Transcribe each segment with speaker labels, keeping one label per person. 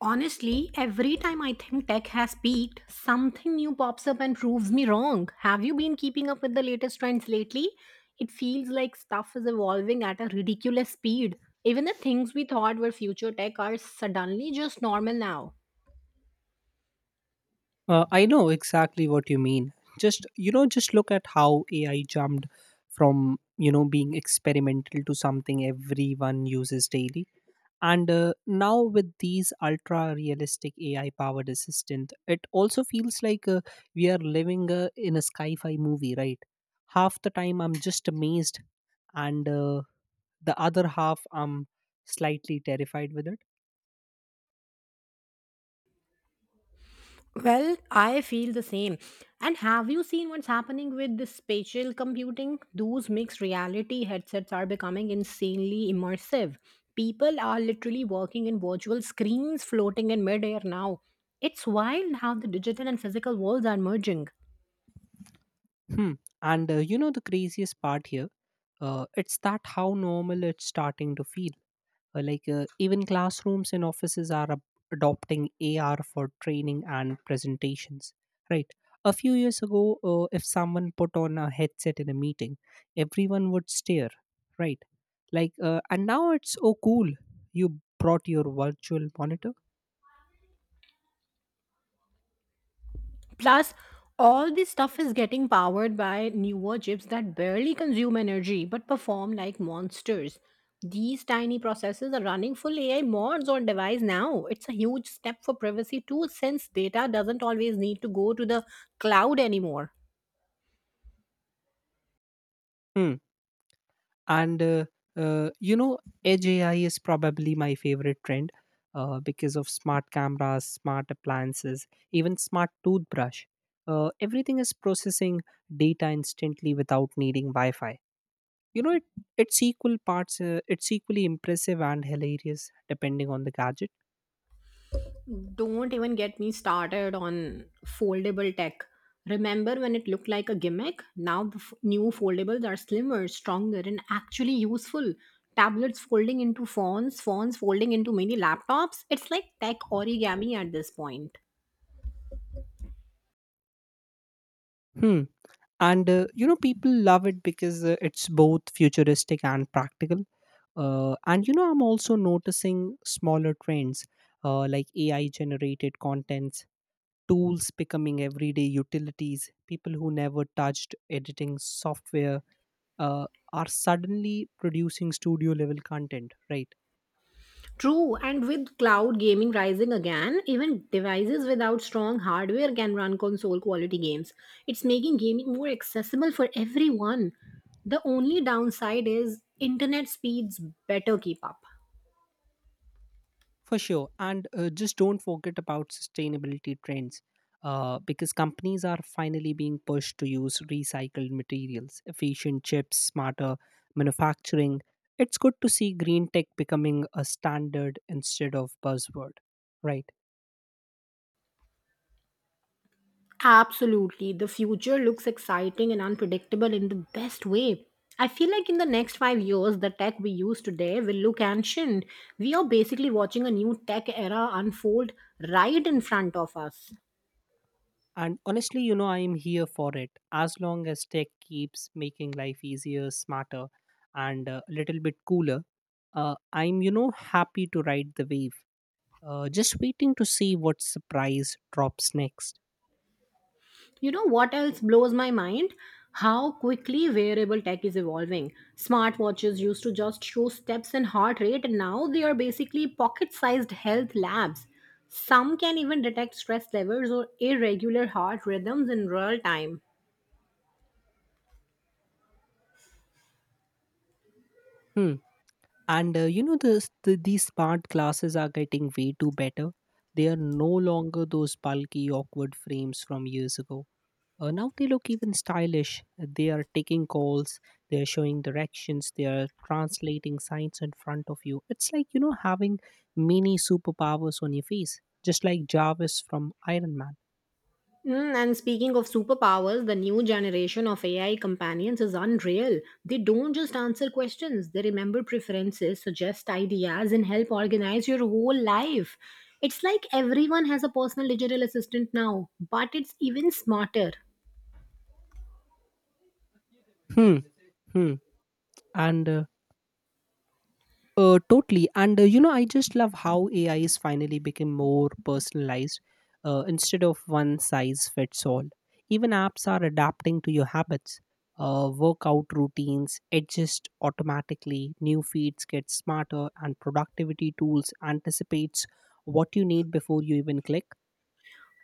Speaker 1: Honestly, every time I think tech has peaked, something new pops up and proves me wrong. Have you been keeping up with the latest trends lately? It feels like stuff is evolving at a ridiculous speed. Even the things we thought were future tech are suddenly just normal now.
Speaker 2: I know exactly what you mean. Just look at how AI jumped from being experimental to something everyone uses daily. And Now with these ultra realistic AI powered assistant, it also feels like we are living in a sci-fi movie, right? Half the time I'm just amazed, and the other half I'm slightly terrified with it.
Speaker 1: Well, I feel the same. And have you seen what's happening with the spatial computing? Those mixed reality headsets are becoming insanely immersive. People are literally working in virtual screens floating in midair now. It's wild how the digital and physical worlds are merging.
Speaker 2: Hmm. And you know the craziest part here, it's that how normal it's starting to feel. Even classrooms and offices are adopting AR for training and presentations. Right. A few years ago, if someone put on a headset in a meeting, everyone would stare. Right. And now it's, oh cool, you brought your virtual monitor.
Speaker 1: Plus, all this stuff is getting powered by newer chips that barely consume energy but perform like monsters. These tiny processors are running full AI mods on device now. It's a huge step for privacy too, since data doesn't always need to go to the cloud anymore.
Speaker 2: Hmm. and you know Edge AI is probably my favorite trend because of smart cameras, smart appliances, even smart toothbrush. Everything is processing data instantly without needing wi-fi. You know it, it's equal parts, it's equally impressive and hilarious depending on the gadget.
Speaker 1: Don't even get me started on foldable tech. Remember when it looked like a gimmick? Now the new foldables are slimmer, stronger, and actually useful. Tablets folding into phones, phones folding into mini laptops. It's like tech origami at this point.
Speaker 2: Hmm and you know people love it because it's both futuristic and practical. And you know I'm also noticing smaller trends, like AI generated contents tools becoming everyday utilities. People who never touched editing software uh, are suddenly producing studio level content, right?
Speaker 1: True, and with cloud gaming rising again, even devices without strong hardware can run console quality games. It's making gaming more accessible for everyone. The only downside is internet speeds better keep up.
Speaker 2: For sure. And Just don't forget about sustainability trends because companies are finally being pushed to use recycled materials, efficient chips, smarter manufacturing. It's good to see green tech becoming a standard instead of buzzword, right?
Speaker 1: Absolutely, the future looks exciting and unpredictable in the best way. I feel like in the next 5 years, the tech we use today will look ancient. We are basically watching a new tech era unfold right in front of us.
Speaker 2: And honestly, you know, I am here for it. As long as tech keeps making life easier, smarter, and a little bit cooler, I'm, you know, happy to ride the wave. Just waiting to see what surprise drops next.
Speaker 1: You know what else blows my mind? How quickly wearable tech is evolving. Smartwatches used to just show steps and heart rate, and now they are basically pocket sized health labs. Some can even detect stress levels or irregular heart rhythms in real time.
Speaker 2: Hmm. And you know, the, these smart glasses are getting way too better. They are no longer those bulky, awkward frames from years ago. Now they look even stylish. They are taking calls, they are showing directions, they are translating signs in front of you. It's like, you know, having mini superpowers on your face, just like Jarvis from Iron Man.
Speaker 1: Mm, and speaking of superpowers, the new generation of AI companions is unreal. They don't just answer questions, they remember preferences, suggest ideas, and help organize your whole life. It's like everyone has a personal digital assistant now, but it's even smarter.
Speaker 2: Hmm. Hmm. And Totally. I just love how AI is finally become more personalized instead of one size fits all. Even apps are adapting to your habits, workout routines adjust automatically, new feeds get smarter, and productivity tools anticipates what you need before you even click.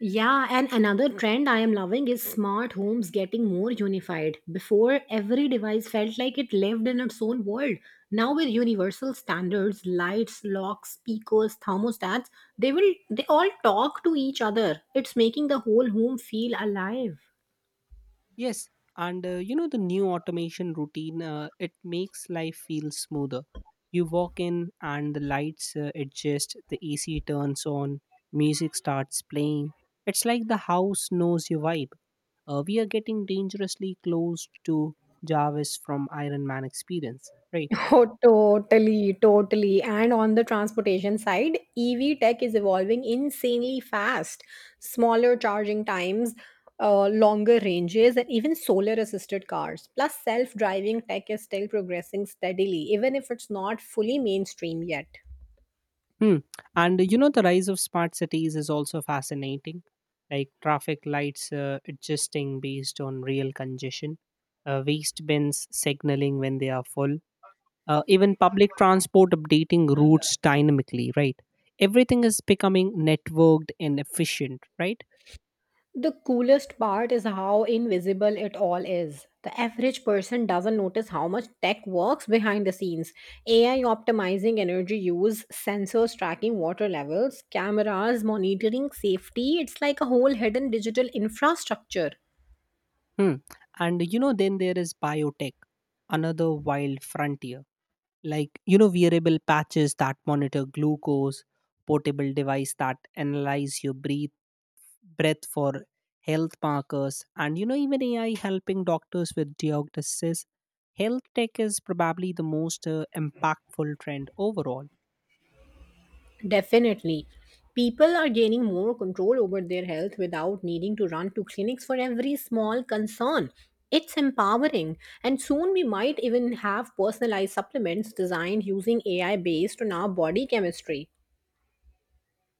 Speaker 1: Yeah, and another trend I am loving is smart homes getting more unified. Before, every device felt like it lived in its own world. Now, with universal standards, lights, locks, speakers, thermostats, they all talk to each other. It's making the whole home feel alive.
Speaker 2: Yes, and you know the new automation routine, it makes life feel smoother. You walk in and the lights adjust, the AC turns on, music starts playing. It's like the house knows your vibe. We are getting dangerously close to Jarvis from Iron Man experience, right?
Speaker 1: Oh, totally, totally. And on the transportation side, EV tech is evolving insanely fast. Smaller charging times, longer ranges, and even solar assisted cars. Plus, self driving tech is still progressing steadily, even if it's not fully mainstream yet.
Speaker 2: Hmm. And you know, the rise of smart cities is also fascinating, like traffic lights adjusting based on real congestion, waste bins signaling when they are full, even public transport updating routes dynamically, right? Everything is becoming networked and efficient, right?
Speaker 1: The coolest part is how invisible it all is. The average person doesn't notice how much tech works behind the scenes. AI optimizing energy use, sensors tracking water levels, cameras monitoring safety. It's like a whole hidden digital infrastructure.
Speaker 2: Hmm. And you know, then there is biotech, another wild frontier. Like, you know, wearable patches that monitor glucose, portable device that analyze your breath for health markers, and you know, even AI helping doctors with diagnosis. Health tech is probably the most impactful trend overall.
Speaker 1: Definitely. People are gaining more control over their health without needing to run to clinics for every small concern. It's empowering, and soon we might even have personalized supplements designed using AI based on our body chemistry.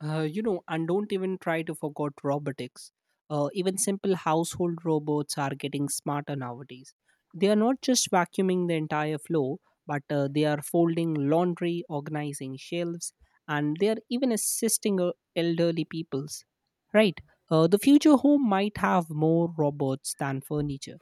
Speaker 2: And don't even try to forget robotics. Even simple household robots are getting smarter nowadays. They are not just vacuuming the entire floor, but they are folding laundry, organizing shelves, and they are even assisting elderly peoples. Right? The future home might have more robots than furniture.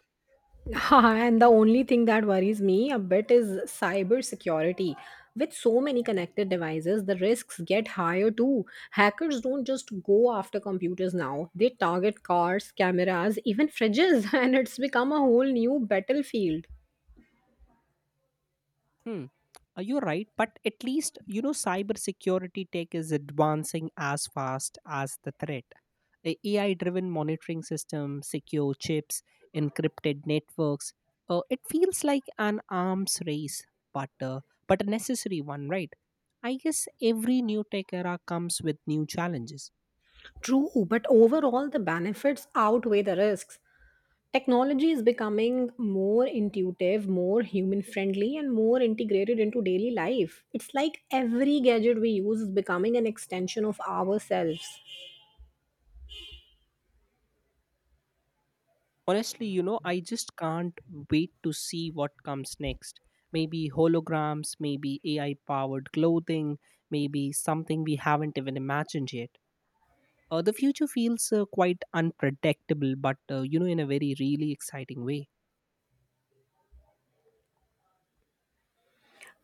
Speaker 1: Ha, and the only thing that worries me a bit is cybersecurity. With so many connected devices, the risks get higher too. Hackers don't just go after computers now, they target cars, cameras, even fridges, and it's become a whole new battlefield.
Speaker 2: Hmm. You're right, but at least you know cybersecurity tech is advancing as fast as the threat. AI-driven monitoring system, secure chips, encrypted networks. It feels like an arms race, but uh, but a necessary one, right? I guess every new tech era comes with new challenges.
Speaker 1: True, but overall, the benefits outweigh the risks. Technology is becoming more intuitive, more human friendly, and more integrated into daily life. It's like every gadget we use is becoming an extension of ourselves.
Speaker 2: Honestly, you know, I just can't wait to see what comes next. Maybe holograms, maybe AI powered clothing, maybe something we haven't even imagined yet. The future feels quite unpredictable, but in a very really exciting way.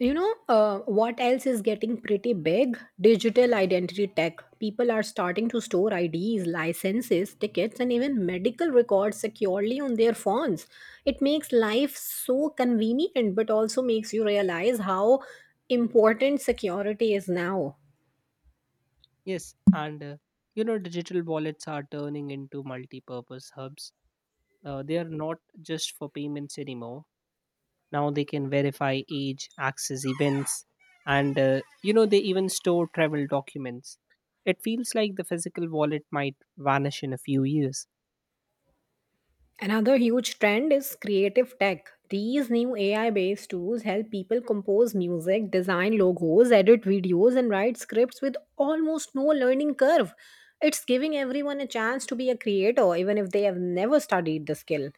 Speaker 1: What else is getting pretty big? Digital identity tech. People are starting to store IDs, licenses, tickets, and even medical records securely on their phones. It makes life so convenient, but also makes you realize how important security is now.
Speaker 2: Yes, and you know digital wallets are turning into multi-purpose hubs. They are not just for payments anymore. Now they can verify age, access events, and you know they even store travel documents. It feels like the physical wallet might vanish in a few years.
Speaker 1: Another huge trend is creative tech. These new AI based tools help people compose music, design logos, edit videos, and write scripts with almost no learning curve. It's giving everyone a chance to be a creator, even if they have never studied the skill.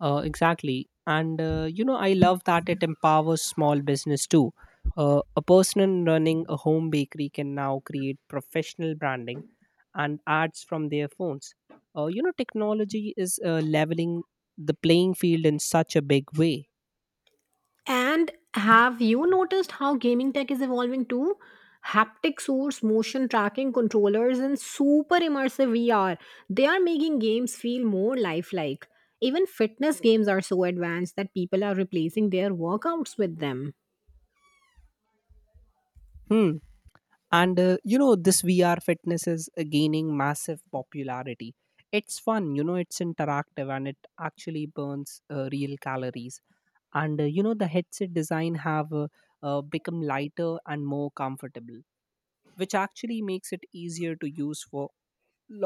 Speaker 2: Exactly. and you know I love that it empowers small business too. A person running a home bakery can now create professional branding and ads from their phones. Technology is leveling the playing field in such a big way.
Speaker 1: And have you noticed how gaming tech is evolving too? Haptic source, motion tracking controllers, and super immersive VR. They are making games feel more lifelike. Even fitness games are so advanced that people are replacing their workouts with them.
Speaker 2: Hmm and you know this VR fitness is gaining massive popularity. It's fun, you know, it's interactive, and it actually burns real calories. And you know the headset design have become lighter and more comfortable, which actually makes it easier to use for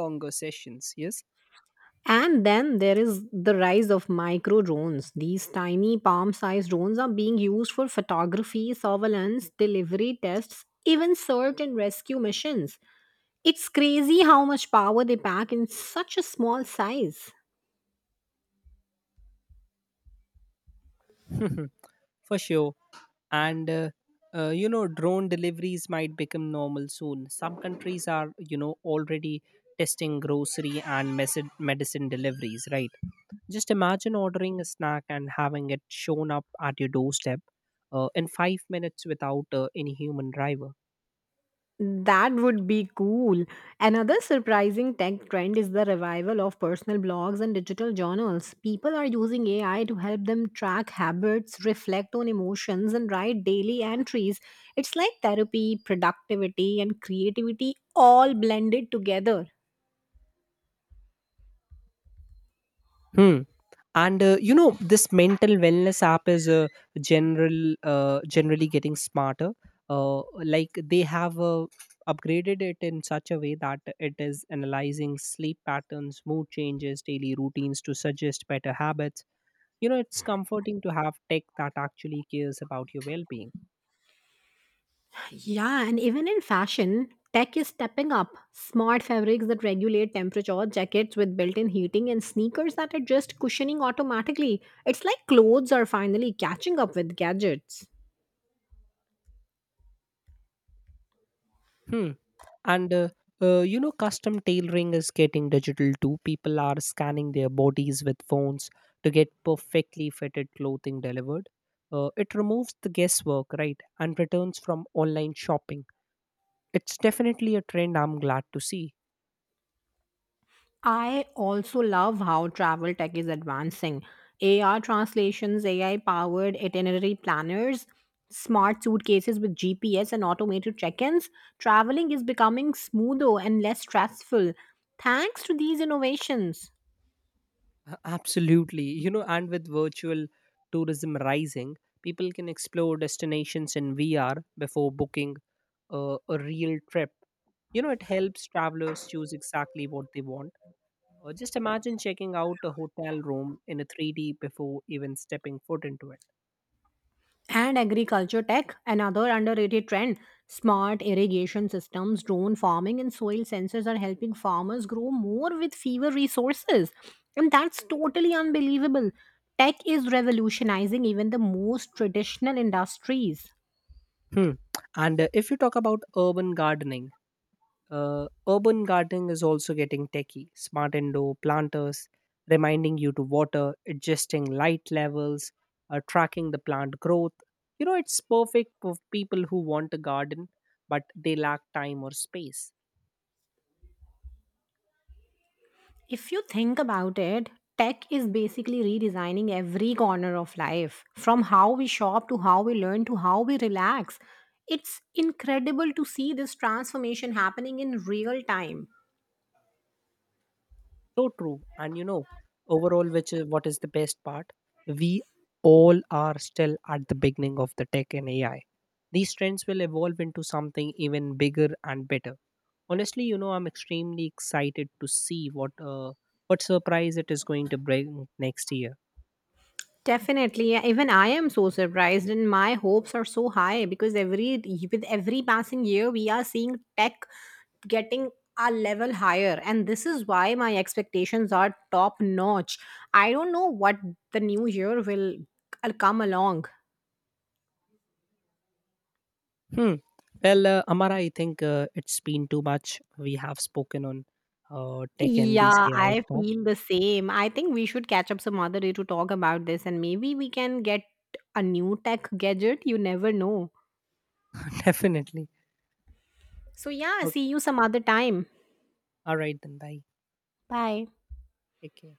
Speaker 2: longer sessions. Yes.
Speaker 1: And then there is the rise of micro drones. These tiny palm sized drones are being used for photography, surveillance, delivery tests, even search and rescue missions. It's crazy how much power they pack in such a small size.
Speaker 2: For sure. and you know drone deliveries might become normal soon. Some countries are, you know, already testing grocery and medicine deliveries, right? Just imagine ordering a snack and having it shown up at your doorstep in 5 minutes without any human driver.
Speaker 1: That would be cool. Another surprising tech trend is the revival of personal blogs and digital journals. People are using AI to help them track habits, reflect on emotions, and write daily entries. It's like therapy, productivity, and creativity all blended together.
Speaker 2: Hmm. This mental wellness app is generally getting smarter. Like they have upgraded it in such a way that it is analyzing sleep patterns, mood changes, daily routines to suggest better habits. You know, it's comforting to have tech that actually cares about your well-being.
Speaker 1: Yeah, and even in fashion, tech is stepping up. Smart fabrics that regulate temperature, jackets with built in heating, and sneakers that adjust cushioning automatically. It's like clothes are finally catching up with gadgets.
Speaker 2: Hmm. And uh, Custom tailoring is getting digital too. People are scanning their bodies with phones to get perfectly fitted clothing delivered. It removes the guesswork, right, and returns from online shopping. It's definitely a trend I'm glad to see.
Speaker 1: I also love how travel tech is advancing. AR translations, AI powered itinerary planners, smart suitcases with GPS and automated check ins. Traveling is becoming smoother and less stressful thanks to these innovations.
Speaker 2: Absolutely. You know, and with virtual tourism rising, people can explore destinations in VR before booking a real trip. You know, it helps travelers choose exactly what they want. Just imagine checking out a hotel room in a 3D before even stepping foot into it.
Speaker 1: And agriculture tech, another underrated trend. Smart irrigation systems, drone farming, and soil sensors are helping farmers grow more with fewer resources. And that's totally unbelievable. Tech is revolutionizing even the most traditional industries.
Speaker 2: Hmm. And If you talk about urban gardening is also getting techie. Smart indoor planters, reminding you to water, adjusting light levels, tracking the plant growth. You know, it's perfect for people who want a garden, but they lack time or space.
Speaker 1: If you think about it, tech is basically redesigning every corner of life from how we shop to how we learn to how we relax. It's incredible to see this transformation happening in real time.
Speaker 2: So true. And you know, overall, which is what is the best part? We all are still at the beginning of the tech and AI. These trends will evolve into something even bigger and better. Honestly, you know, I'm extremely excited to see what surprise it is going to bring next year.
Speaker 1: Definitely. Yeah, even I am so surprised, and my hopes are so high because every with every passing year, we are seeing tech getting a level higher, and this is why my expectations are top notch. I don't know what the new year will come along.
Speaker 2: Hmm. Well, Amara, I think it's been too much. We have spoken on tech and
Speaker 1: Yeah,
Speaker 2: these AI
Speaker 1: I
Speaker 2: stuff.
Speaker 1: feel the same. I think we should catch up some other day to talk about this, and maybe we can get a new tech gadget. You never know.
Speaker 2: Definitely.
Speaker 1: So, yeah, see
Speaker 2: Okay.
Speaker 1: you some other time.
Speaker 2: All right, then. Bye.
Speaker 1: Bye.
Speaker 2: Take care.